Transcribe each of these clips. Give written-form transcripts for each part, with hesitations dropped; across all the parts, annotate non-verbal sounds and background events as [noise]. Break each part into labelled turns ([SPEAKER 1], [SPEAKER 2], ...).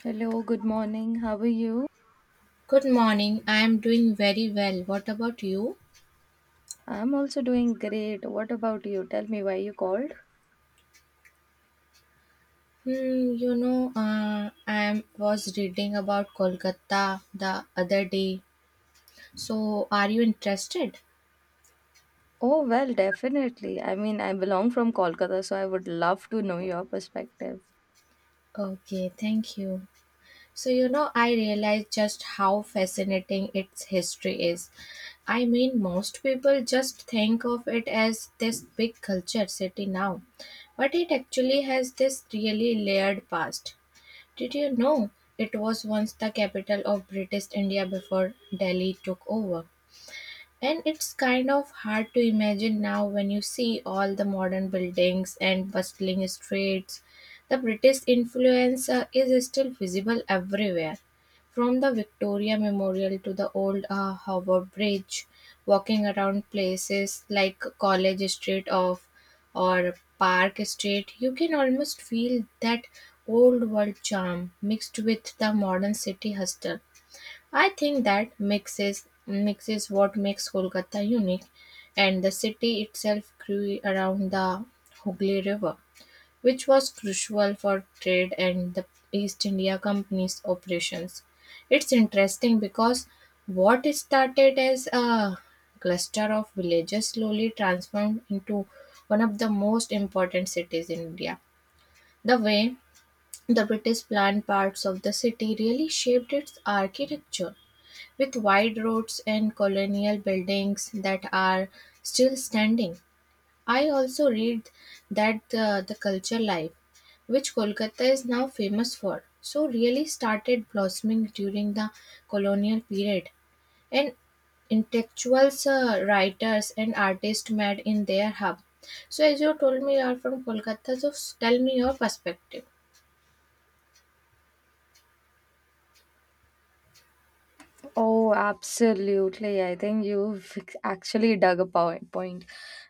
[SPEAKER 1] Hello, good morning. How are you?
[SPEAKER 2] Good morning. I am doing very well. What about you?
[SPEAKER 1] I'm also doing great. What about you? Tell me why you called.
[SPEAKER 2] Was reading about Kolkata the other day. So, are you interested?
[SPEAKER 1] Oh, well, definitely. I mean, I belong from Kolkata, so I would love to know your perspective.
[SPEAKER 2] Okay, thank you. I realized just how fascinating its history is. I mean, most people just think of it as this big culture city now, but it actually has this really layered past. Did you know it was once the capital of British India before Delhi took over? And it's kind of hard to imagine now when you see all the modern buildings and bustling streets. The British influence is still visible everywhere, from the Victoria Memorial to the old Harbour Bridge. Walking around places like College Street of or Park Street, you can almost feel that old world charm mixed with the modern city hustle. I think that mixes what makes Kolkata unique, and the city itself grew around the Hooghly River, which was crucial for trade and the East India Company's operations. It's interesting because what started as a cluster of villages slowly transformed into one of the most important cities in India. The way the British planned parts of the city really shaped its architecture with wide roads and colonial buildings that are still standing. I also read that the culture life, which Kolkata is now famous for, so really started blossoming during the colonial period, and intellectuals, writers, and artists met in their hub. So, as you told me, you are from Kolkata, so tell me your perspective.
[SPEAKER 1] Oh, absolutely. I think you've actually point.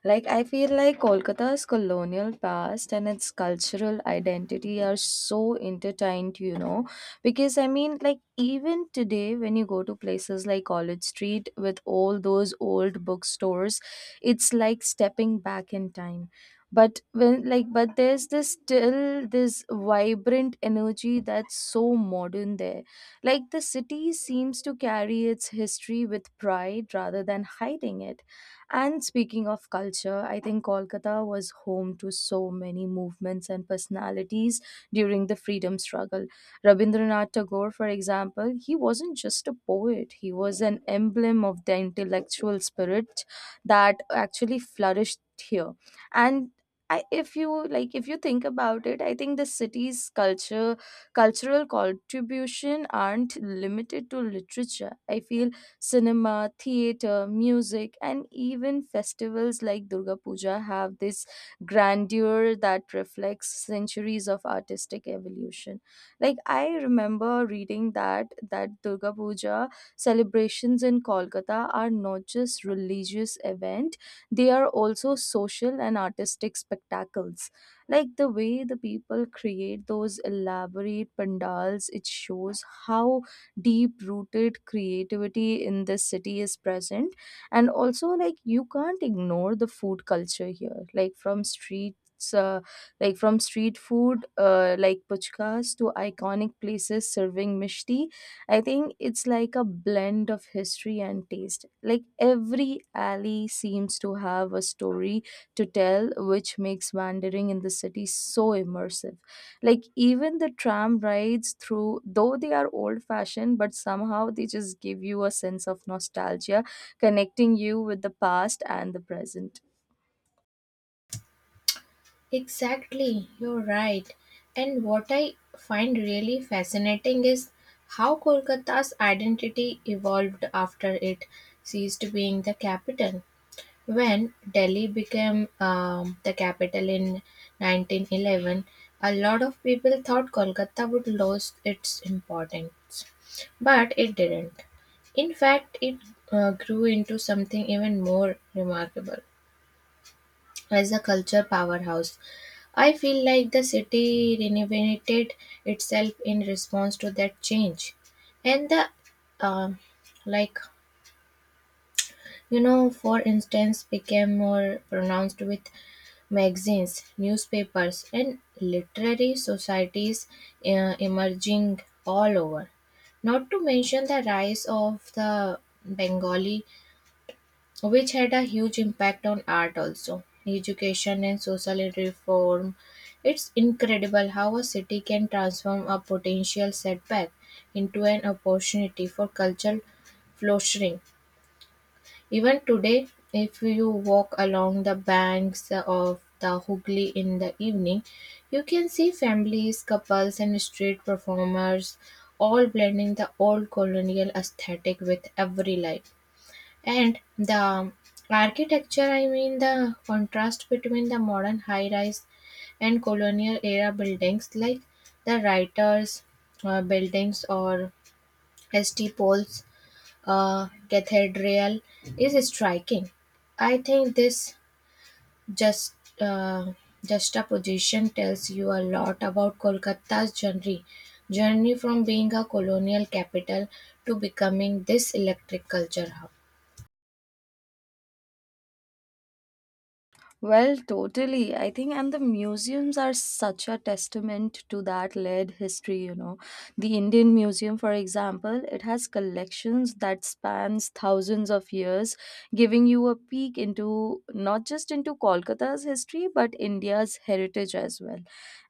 [SPEAKER 1] Like, I feel like Kolkata's colonial past and its cultural identity are so intertwined, you know. Because, I mean, like, even today, when you go to places like College Street with all those old bookstores, it's like stepping back in time. But there's this still this vibrant energy that's so modern there, like the city seems to carry its history with pride rather than hiding it. And speaking of culture, I think Kolkata was home to so many movements and personalities during the freedom struggle. Rabindranath Tagore, for example, he wasn't just a poet, he was an emblem of the intellectual spirit that actually flourished here. And I, if you like if you think about it, I think the city's culture cultural contribution aren't limited to literature. I feel cinema, theater, music, and even festivals like Durga Puja have this grandeur that reflects centuries of artistic evolution. Like I remember reading that Durga Puja celebrations in Kolkata are not just religious event; they are also social and artistic spectacles, like the way the people create those elaborate pandals. It shows how deep rooted creativity in this city is present. And also, like, you can't ignore the food culture here, like from street food, like puchkas to iconic places serving mishti. I think it's like a blend of history and taste, like every alley seems to have a story to tell, which makes wandering in the city so immersive. Like, even the tram rides through, though they are old fashioned, but somehow they just give you a sense of nostalgia, connecting you with the past and the present.
[SPEAKER 2] Exactly, you're right. And what I find really fascinating is how Kolkata's identity evolved after it ceased being the capital. When Delhi became the capital in 1911, a lot of people thought Kolkata would lose its importance, but it didn't. In fact, it grew into something even more remarkable as a culture powerhouse. I feel like the city renovated itself in response to that change, and the um like you know, for instance, became more pronounced with magazines, newspapers, and literary societies emerging all over. Not to mention the rise of the Bengali which had a huge impact on art, also education and social reform. It's incredible how a city can transform a potential setback into an opportunity for cultural flourishing. Even today, if you walk along the banks of the Hooghly in the evening, you can see families, couples, and street performers all blending the old colonial aesthetic with every life. And the architecture, I mean, the contrast between the modern high rise and colonial era buildings like the writers' buildings or St. Paul's Cathedral is striking. I think this just uh, juxtaposition tells you a lot about Kolkata's journey from being a colonial capital to becoming this electric culture hub.
[SPEAKER 1] Well, totally. I think, and the museums are such a testament to that Led history, you know. The Indian Museum, for example, it has collections that spans thousands of years, giving you a peek into not just into Kolkata's history, but India's heritage as well.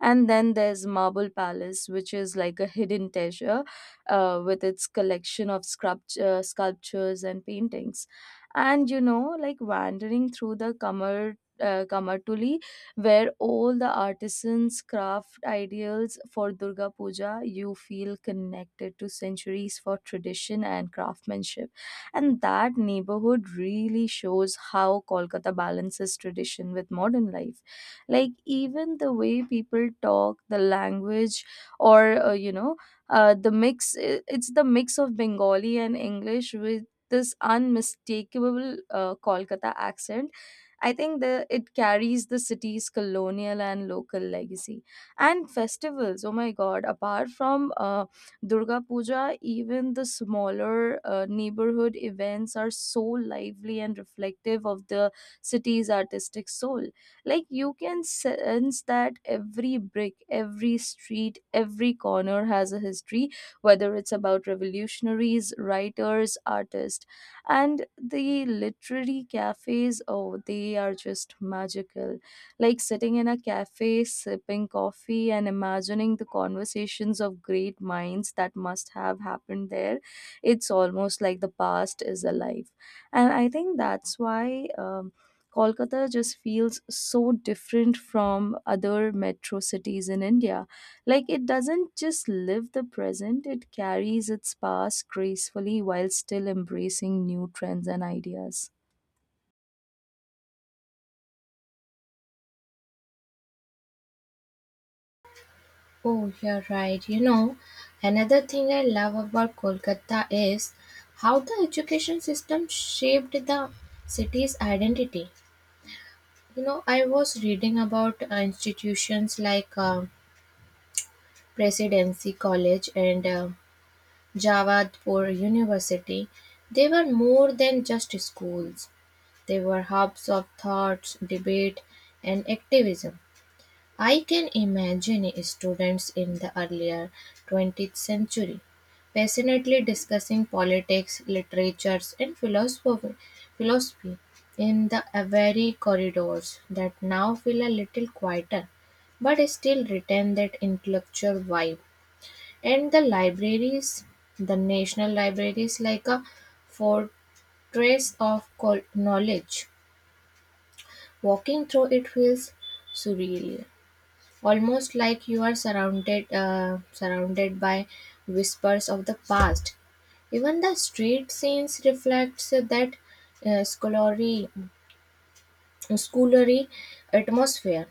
[SPEAKER 1] And then there's Marble Palace, which is like a hidden treasure, with its collection of sculptures and paintings. And, you know, like wandering through the Kamar Kamatuli, where all the artisans craft ideals for Durga Puja, you feel connected to centuries for tradition and craftsmanship. And that neighborhood really shows how Kolkata balances tradition with modern life. Like, even the way people talk, the language, or, you know, it's the mix of Bengali and English with this unmistakable Kolkata accent. I think the it carries the city's colonial and local legacy. And festivals, oh my god, apart from Durga Puja, even the smaller neighborhood events are so lively and reflective of the city's artistic soul. Like you can sense that every brick, every street, every corner has a history, whether it's about revolutionaries, writers, artists. And the literary cafes, oh, they are just magical, like sitting in a cafe sipping coffee and imagining the conversations of great minds that must have happened there. It's almost like the past is alive. And I think that's why Kolkata just feels so different from other metro cities in India. Like, it doesn't just live the present, it carries its past gracefully while still embracing new trends and ideas.
[SPEAKER 2] Oh, you're right. You know, another thing I love about Kolkata is how the education system shaped the city's identity. You know, I was reading about institutions like Presidency College and Jawadpur University. They were more than just schools. They were hubs of thoughts, debate, and activism. I can imagine students in the earlier 20th century passionately discussing politics, literatures, and philosophy in the very corridors that now feel a little quieter but still retain that intellectual vibe. And the libraries, the national libraries, like a fortress of knowledge. Walking through it feels surreal, almost like you are surrounded by whispers of the past. Even the street scenes reflects that scholarly schoolery atmosphere.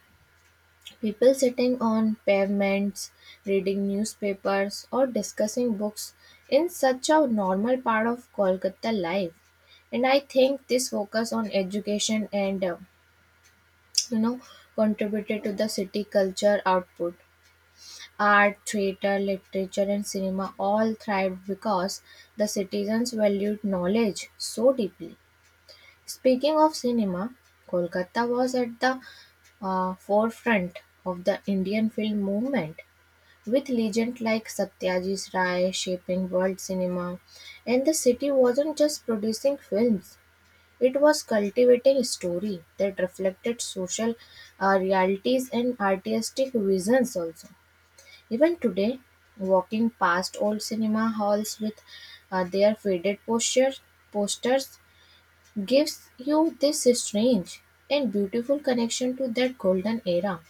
[SPEAKER 2] People sitting on pavements reading newspapers or discussing books in such a normal part of Kolkata life. And I think this focus on education and, you know, contributed to the city culture output. Art, theatre, literature, and cinema all thrived because the citizens valued knowledge so deeply. Speaking of cinema, Kolkata was at the forefront of the Indian film movement, with legends like Satyajit Ray shaping world cinema. And the city wasn't just producing films, it was cultivating story that reflected social realities and artistic visions also. Even today, walking past old cinema halls with their faded posters gives you this strange and beautiful connection to that golden era.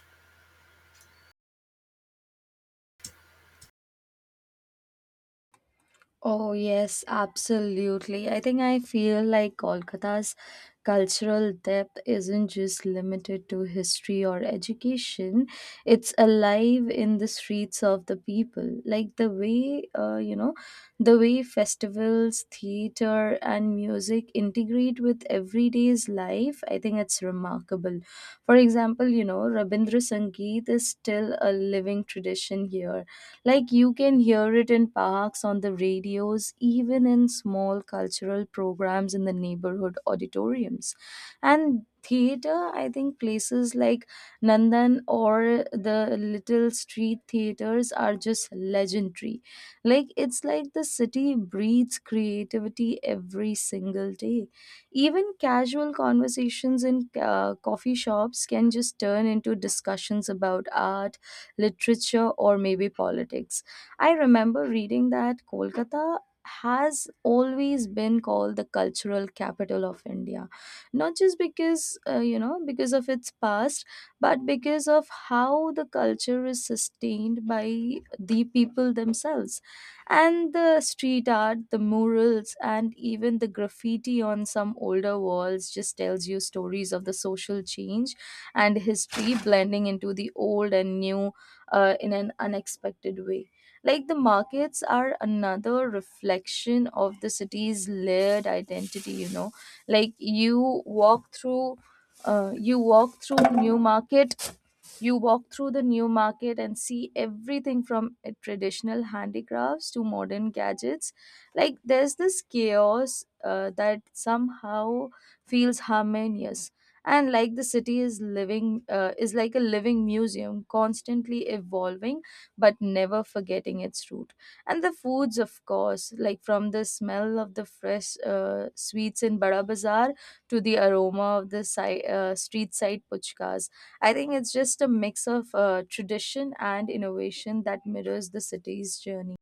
[SPEAKER 1] Oh, yes, absolutely. I think I feel like Kolkata's cultural depth isn't just limited to history or education, it's alive in the streets of the people. Like the way, you know, the way festivals, theater, and music integrate with everyday's life, I think it's remarkable. For example, you know, Rabindra Sangeet is still a living tradition here, like you can hear it in parks, on the radios, even in small cultural programs in the neighborhood auditoriums. And theater, I think places like Nandan or the little street theaters are just legendary. Like it's like the city breathes creativity every single day. Even casual conversations in coffee shops can just turn into discussions about art, literature, or maybe politics. I remember reading that Kolkata has always been called the cultural capital of India, not just because, because of its past, but because of how the culture is sustained by the people themselves. And the street art, the murals, and even the graffiti on some older walls just tells you stories of the social change and history, blending into the old and new in an unexpected way. Like the markets are another reflection of the city's layered identity, you know. Like you walk through New Market you walk through the new market and see everything from traditional handicrafts to modern gadgets. Like there's this chaos that somehow feels harmonious. And like the city is like a living museum, constantly evolving but never forgetting its root. And the foods, of course, like from the smell of the fresh sweets in Bada Bazaar to the aroma of the street side puchkas. I think it's just a mix of tradition and innovation that mirrors the city's journey.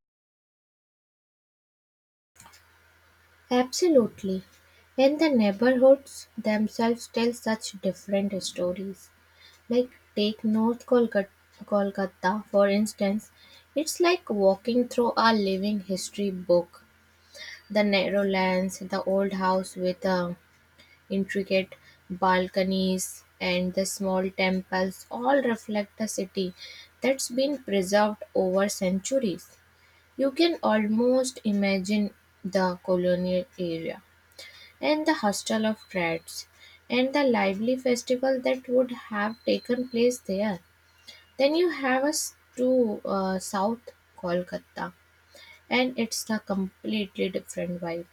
[SPEAKER 2] Absolutely. And the neighborhoods themselves tell such different stories. Like take North Kolkata, for instance, it's like walking through a living history book. The narrow lanes, the old house with a intricate balconies and the small temples all reflect a city that's been preserved over centuries. You can almost imagine the colonial area and the hostel of rats and the lively festival that would have taken place there. Then you have us to South Kolkata, and it's a completely different vibe.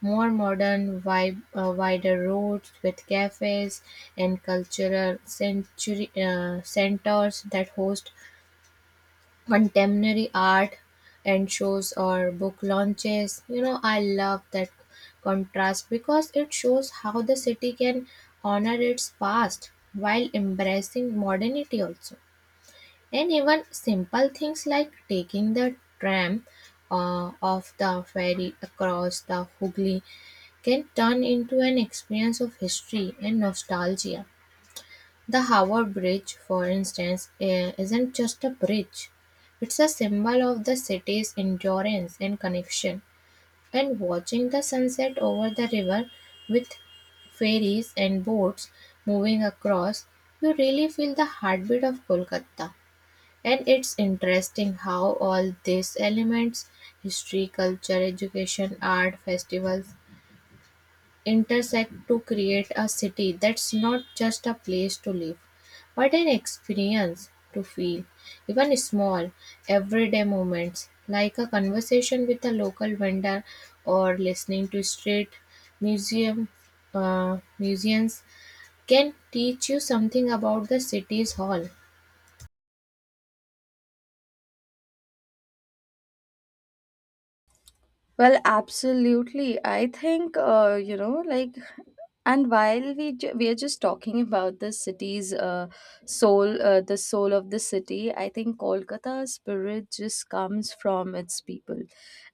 [SPEAKER 2] More modern, wider roads with cafes and cultural century centers that host contemporary art and shows or book launches. You know, I love that contrast because it shows how the city can honor its past while embracing modernity also. And even simple things like taking the tram off the ferry across the Hooghly can turn into an experience of history and nostalgia. The Howard Bridge, for instance, isn't just a bridge, it's a symbol of the city's endurance and connection. And watching the sunset over the river with ferries and boats moving across, you really feel the heartbeat of Kolkata. And it's interesting how all these elements, history, culture, education, art, festivals intersect to create a city that's not just a place to live, but an experience to feel. Even small, everyday moments like a conversation with a local vendor or listening to street museum uh, museums can teach you something about the city's hall.
[SPEAKER 1] Well, absolutely. I think, and while we are just talking about the the soul of the city, I think Kolkata's spirit just comes from its people.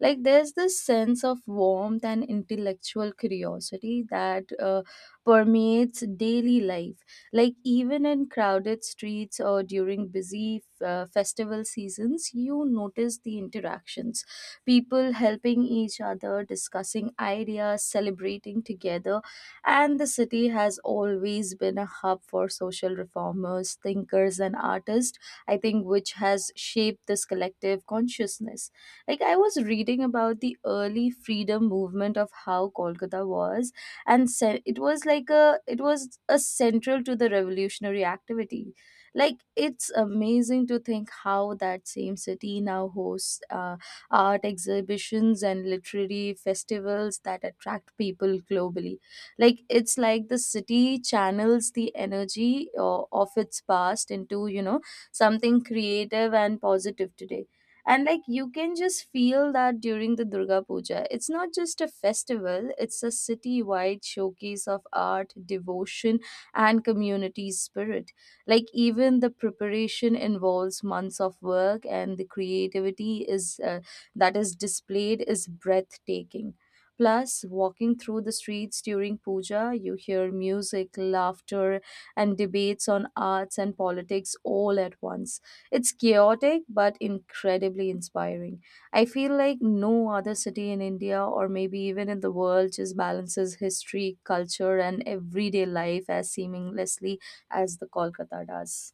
[SPEAKER 1] Like, there's this sense of warmth and intellectual curiosity that permeates daily life. Like, even in crowded streets or during busy festival seasons, you notice the interactions, people helping each other, discussing ideas, celebrating together. And the city has always been a hub for social reformers, thinkers, and artists, I think, which has shaped this collective consciousness. Like, I was reading about the early freedom movement of how Kolkata was, it was a central to the revolutionary activity. Like, it's amazing to think how that same city now hosts art exhibitions and literary festivals that attract people globally. Like it's like the city channels the energy of its past into, you know, something creative and positive today. And like you can just feel that during the Durga Puja. It's not just a festival, it's a city wide showcase of art, devotion, and community spirit. Like even the preparation involves months of work, and the creativity is that is displayed is breathtaking. Plus, walking through the streets during puja, you hear music, laughter, and debates on arts and politics all at once. It's chaotic but incredibly inspiring. I feel like no other city in India or maybe even in the world just balances history, culture, and everyday life as seamlessly as the Kolkata does.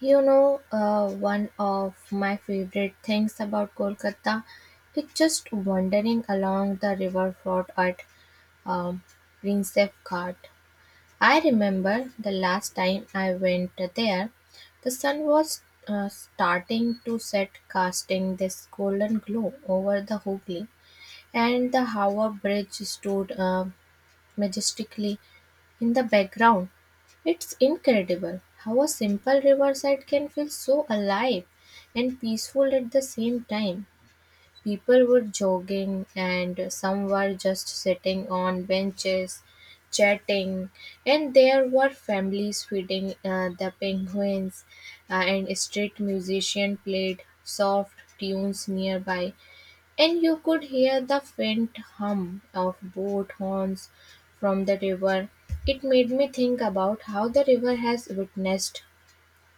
[SPEAKER 2] You know, one of my favorite things about Kolkata is just wandering along the riverfront at um, Rensefgard. I remember the last time I went there, the sun was starting to set, casting this golden glow over the Hooghly, and the Howrah Bridge stood majestically in the background. It's incredible how a simple riverside can feel so alive and peaceful at the same time. People were jogging, and some were just sitting on benches chatting, and there were families feeding the penguins, and street musician played soft tunes nearby, and you could hear the faint hum of boat horns from the river. It made me think about how the river has witnessed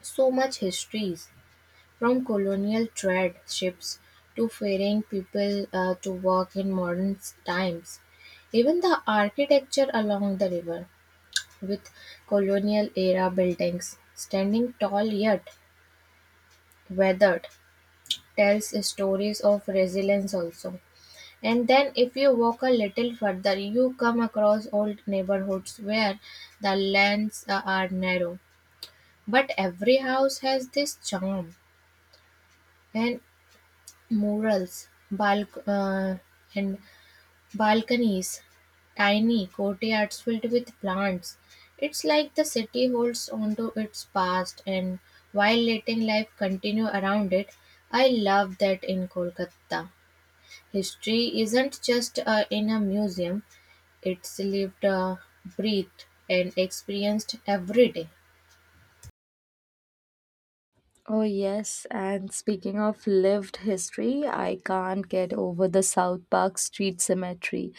[SPEAKER 2] so much histories, from colonial trade ships to ferrying people to work in modern times. Even the architecture along the river, with colonial era buildings standing tall yet weathered, tells stories of resilience also. And then, if you walk a little further, you come across old neighborhoods where the lanes are narrow, but every house has this charm and murals, and balconies, tiny courtyards filled with plants. It's like the city holds onto its past and while letting life continue around it. I love that in Kolkata. History isn't just in a museum, it's lived, breathed, and experienced every day.
[SPEAKER 1] Oh, yes. And speaking of lived history, I can't get over the South Park Street Cemetery.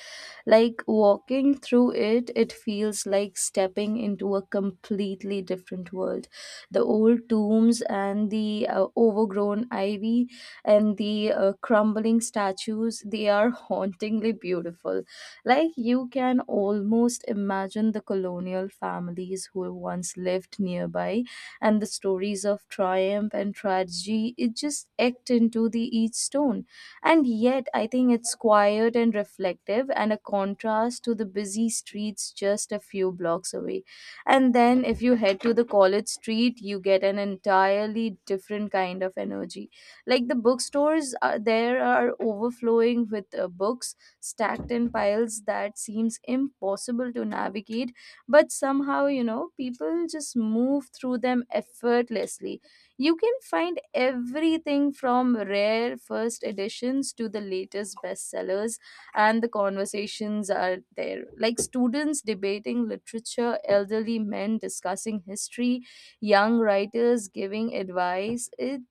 [SPEAKER 1] Like walking through it, it feels like stepping into a completely different world. The old tombs and the overgrown ivy and the crumbling statues, they are [laughs] hauntingly beautiful. Like you can almost imagine the colonial families who once lived nearby and the stories of triumph and tragedy, it just act into the each stone. And yet, I think it's quiet and reflective, and a contrast to the busy streets just a few blocks away. And then, if you head to the college street, you get an entirely different kind of energy. Like the bookstores are there are overflowing with books stacked in piles that seems impossible to navigate, but somehow, you know, people just move through them effortlessly. You can find everything from rare first editions to the latest bestsellers. And the conversations are there, like students debating literature, elderly men discussing history, young writers giving advice. It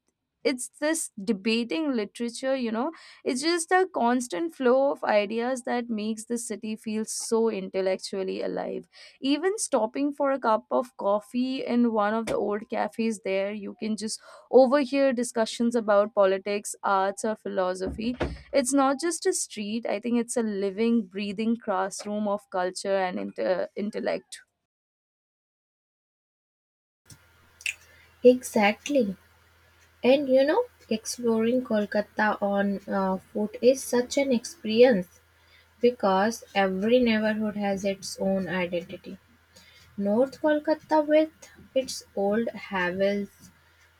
[SPEAKER 1] it's this debating literature you know It's just a constant flow of ideas that makes the city feel so intellectually alive. Even stopping for a cup of coffee in one of the old cafes there, you can just overhear discussions about politics, arts, or philosophy. It's not just a street, I think it's a living, breathing classroom of culture and inter intellect.
[SPEAKER 2] Exactly. And you know, exploring Kolkata on foot is such an experience because every neighborhood has its own identity. North Kolkata with its old havels,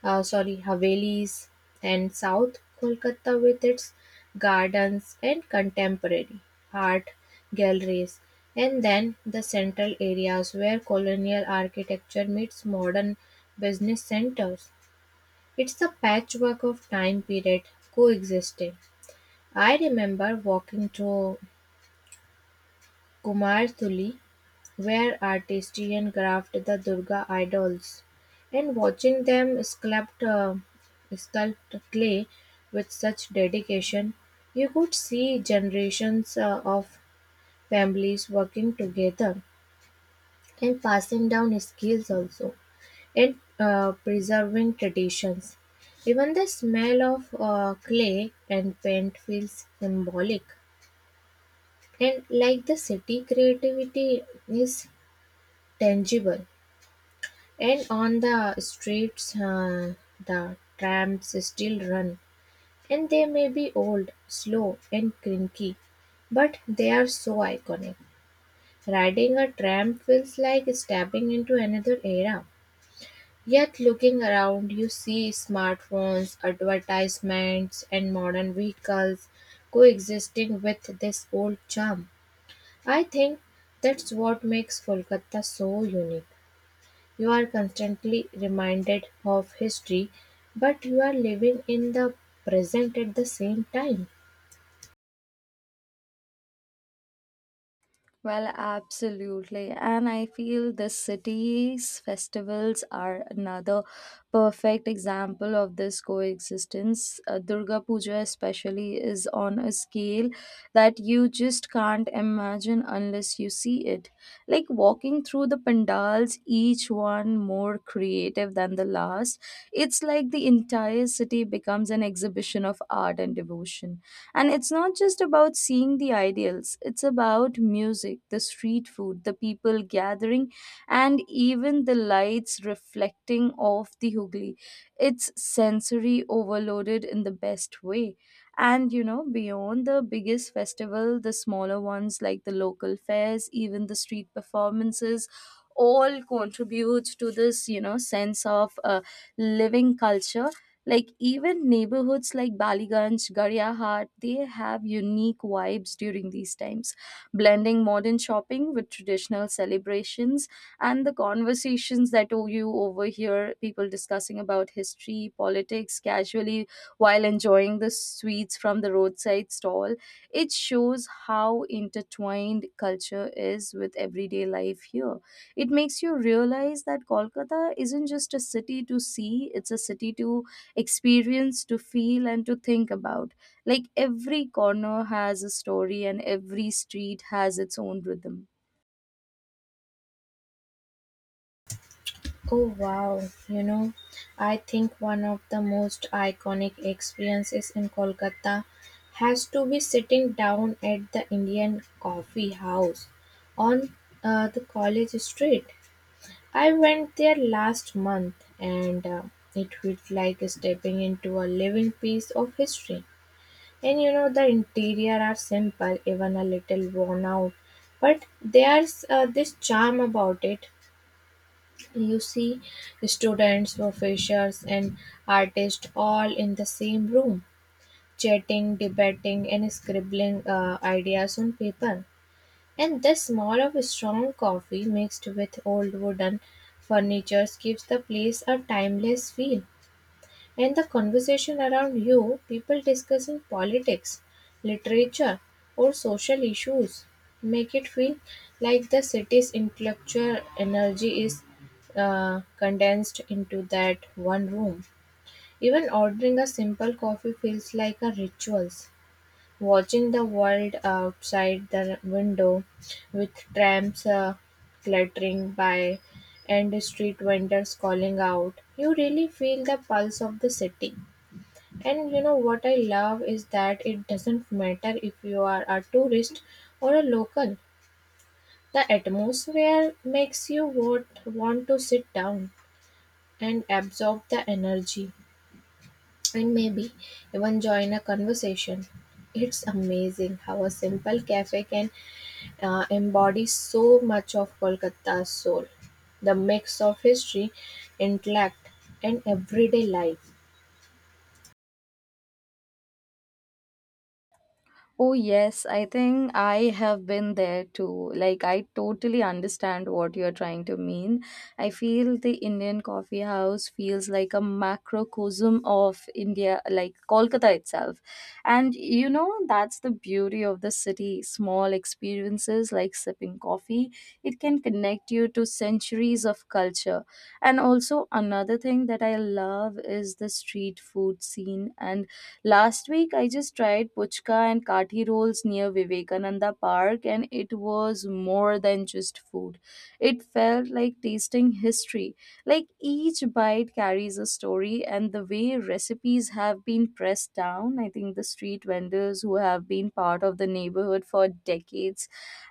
[SPEAKER 2] uh, sorry, havelis, and South Kolkata with its gardens and contemporary art galleries, and then the central areas where colonial architecture meets modern business centers. It's a patchwork of time periods coexisting. I remember walking to Kumarthuli where artistry and craft the Durga idols and watching them sculpt clay with such dedication. You could see generations of families working together and passing down skills also. It Preserving traditions. Even the smell of clay and paint feels symbolic. And like the city, creativity is tangible. And on the streets, the trams still run. And they may be old, slow, and cranky, but they are so iconic. Riding a tram feels like stepping into another era. Yet looking around you see smartphones, advertisements and modern vehicles coexisting with this old charm. I think that's what makes Kolkata so unique. You are constantly reminded of history, but you are living in the present at the same time.
[SPEAKER 1] Well, absolutely. And I feel the city's festivals are another perfect example of this coexistence. Durga Puja, especially, is on a scale that you just can't imagine unless you see it. Like walking through the pandals, each one more creative than the last, it's like the entire city becomes an exhibition of art and devotion. And it's not just about seeing the ideals, it's about music, the street food, the people gathering, and even the lights reflecting off the Hooghly. It's sensory overloaded in the best way. And you know, beyond the biggest festival, the smaller ones like the local fairs, even the street performances, all contribute to this, you know, sense of living culture, like even neighborhoods like Baliganj, Garyahat, they have unique vibes during these times, blending modern shopping with traditional celebrations. And the conversations, you overhear people discussing about history, politics casually while enjoying the sweets from the roadside stall. It shows how intertwined culture is with everyday life here. It makes you realize that Kolkata isn't just a city to see, it's a city to experience, to feel, and to think about. Like every corner has a story and every street has its own rhythm.
[SPEAKER 2] Oh wow, you know, I think one of the most iconic experiences in Kolkata has to be sitting down at the Indian coffee house on the college street. I went there last month and it felt like stepping into a living piece of history. And you know, the interior are simple, even a little worn out, but there's this charm about it. You see students, professors, and artists all in the same room, chatting, debating, and scribbling ideas on paper. And the smell of strong coffee mixed with old wooden furniture gives the place a timeless feel. And the conversation around you, people discussing politics, literature, or social issues, make it feel like the city's intellectual energy is condensed into that one room. Even ordering a simple coffee feels like a ritual. Watching the world outside the window with trams clattering by and street vendors calling out, you really feel the pulse of the city. And you know what I love is that it doesn't matter if you are a tourist or a local. The atmosphere makes you want to sit down and absorb the energy and maybe even join a conversation. It's amazing how a simple cafe can embody so much of Kolkata's soul. The mix of history, intellect, and everyday life.
[SPEAKER 1] Oh, yes, I think I have been there too. Like, I totally understand what you're trying to mean. I feel the Indian coffee house feels like a macrocosm of India, like Kolkata itself. And you know, that's the beauty of the city. Small experiences like sipping coffee, it can connect you to centuries of culture. And also, another thing that I love is the street food scene. And last week, I just tried puchka and kathi rolls near Vivekananda Park, and it was more than just food. It felt like tasting history. Like each bite carries a story, and the way recipes have been pressed down, I think the street vendors who have been part of the neighborhood for decades.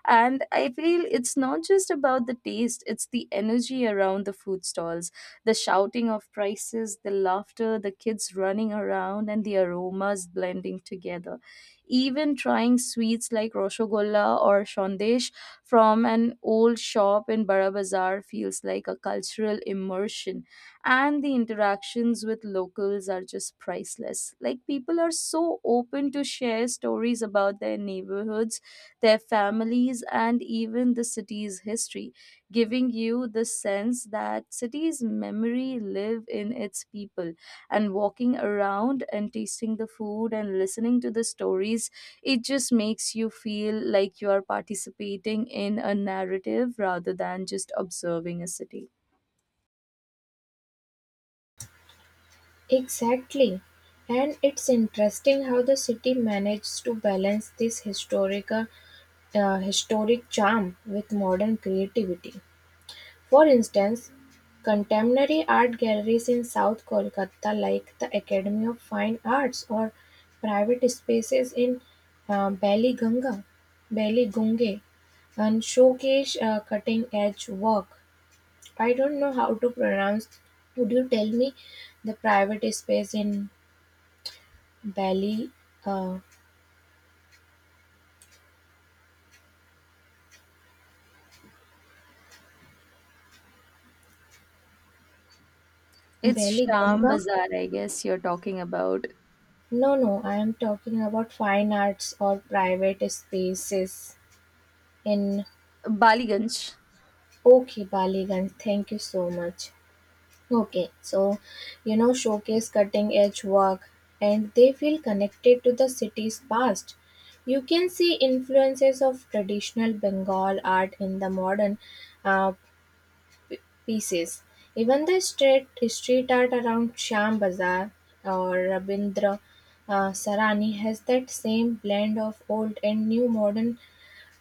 [SPEAKER 1] And I feel it's not just about the taste, it's the energy around the food stalls, the shouting of prices, the laughter, the kids running around, and the aromas blending together. Even trying sweets like Roshogolla or Shondesh from an old shop in Bara Bazar feels like a cultural immersion. And the interactions with locals are just priceless. Like, people are so open to share stories about their neighborhoods, their families, and even the city's history, giving you the sense that city's memory live in its people. And walking around and tasting the food and listening to the stories, it just makes you feel like you are participating in a narrative rather than just observing a city.
[SPEAKER 2] Exactly. And it's interesting how the city manages to balance this historic charm with modern creativity. For instance, contemporary art galleries in South Kolkata like the Academy of Fine Arts or private spaces in uh, Baliganga, Baligunge and showcase cutting edge work. I don't know how to pronounce. Would you tell me the private space in Bali, uh,
[SPEAKER 1] It's
[SPEAKER 2] Bali
[SPEAKER 1] Sham
[SPEAKER 2] Ganga?
[SPEAKER 1] Bazaar, I guess you're talking about.
[SPEAKER 2] No, no, I am talking about fine arts or private spaces in
[SPEAKER 1] Baliganj.
[SPEAKER 2] okay, Baligan. Thank you so much. Okay, so you know, showcase cutting edge work and they feel connected to the city's past. You can see influences of traditional Bengal art in the modern uh, pieces. Even the street art around Sham Bazaar or Rabindra Sarani has that same blend of old and new modern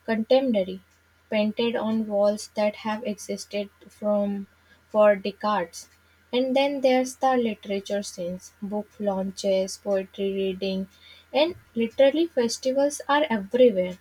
[SPEAKER 2] contemporary painted on walls that have existed from for decades. And then there's the literature scenes, book launches, poetry reading, and literally festivals are everywhere.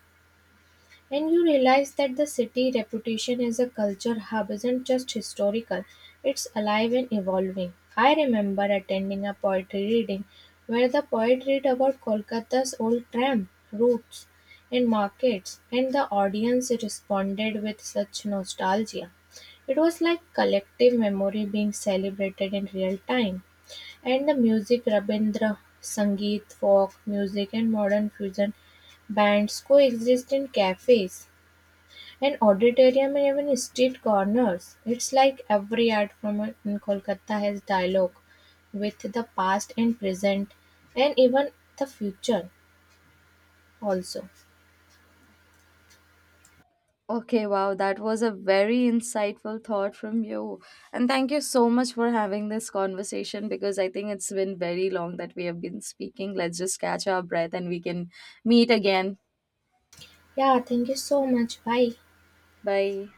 [SPEAKER 2] And you realize that the city reputation as a culture hub isn't just historical, it's alive and evolving. I remember attending a poetry reading where the poet read about Kolkata's old tram routes and markets, and the audience responded with such nostalgia. It was like collective memory being celebrated in real time. And the music Rabindra Sangeet, folk music and modern fusion bands coexist in cafes and auditorium and even street corners. It's like every art form in Kolkata has dialogue with the past and present and even the future also.
[SPEAKER 1] Okay, wow, that was a very insightful thought from you. And thank you so much for having this conversation because I think it's been very long that we have been speaking. Let's just catch our breath and we can meet again.
[SPEAKER 2] Yeah, thank you so much. Bye.
[SPEAKER 1] Bye.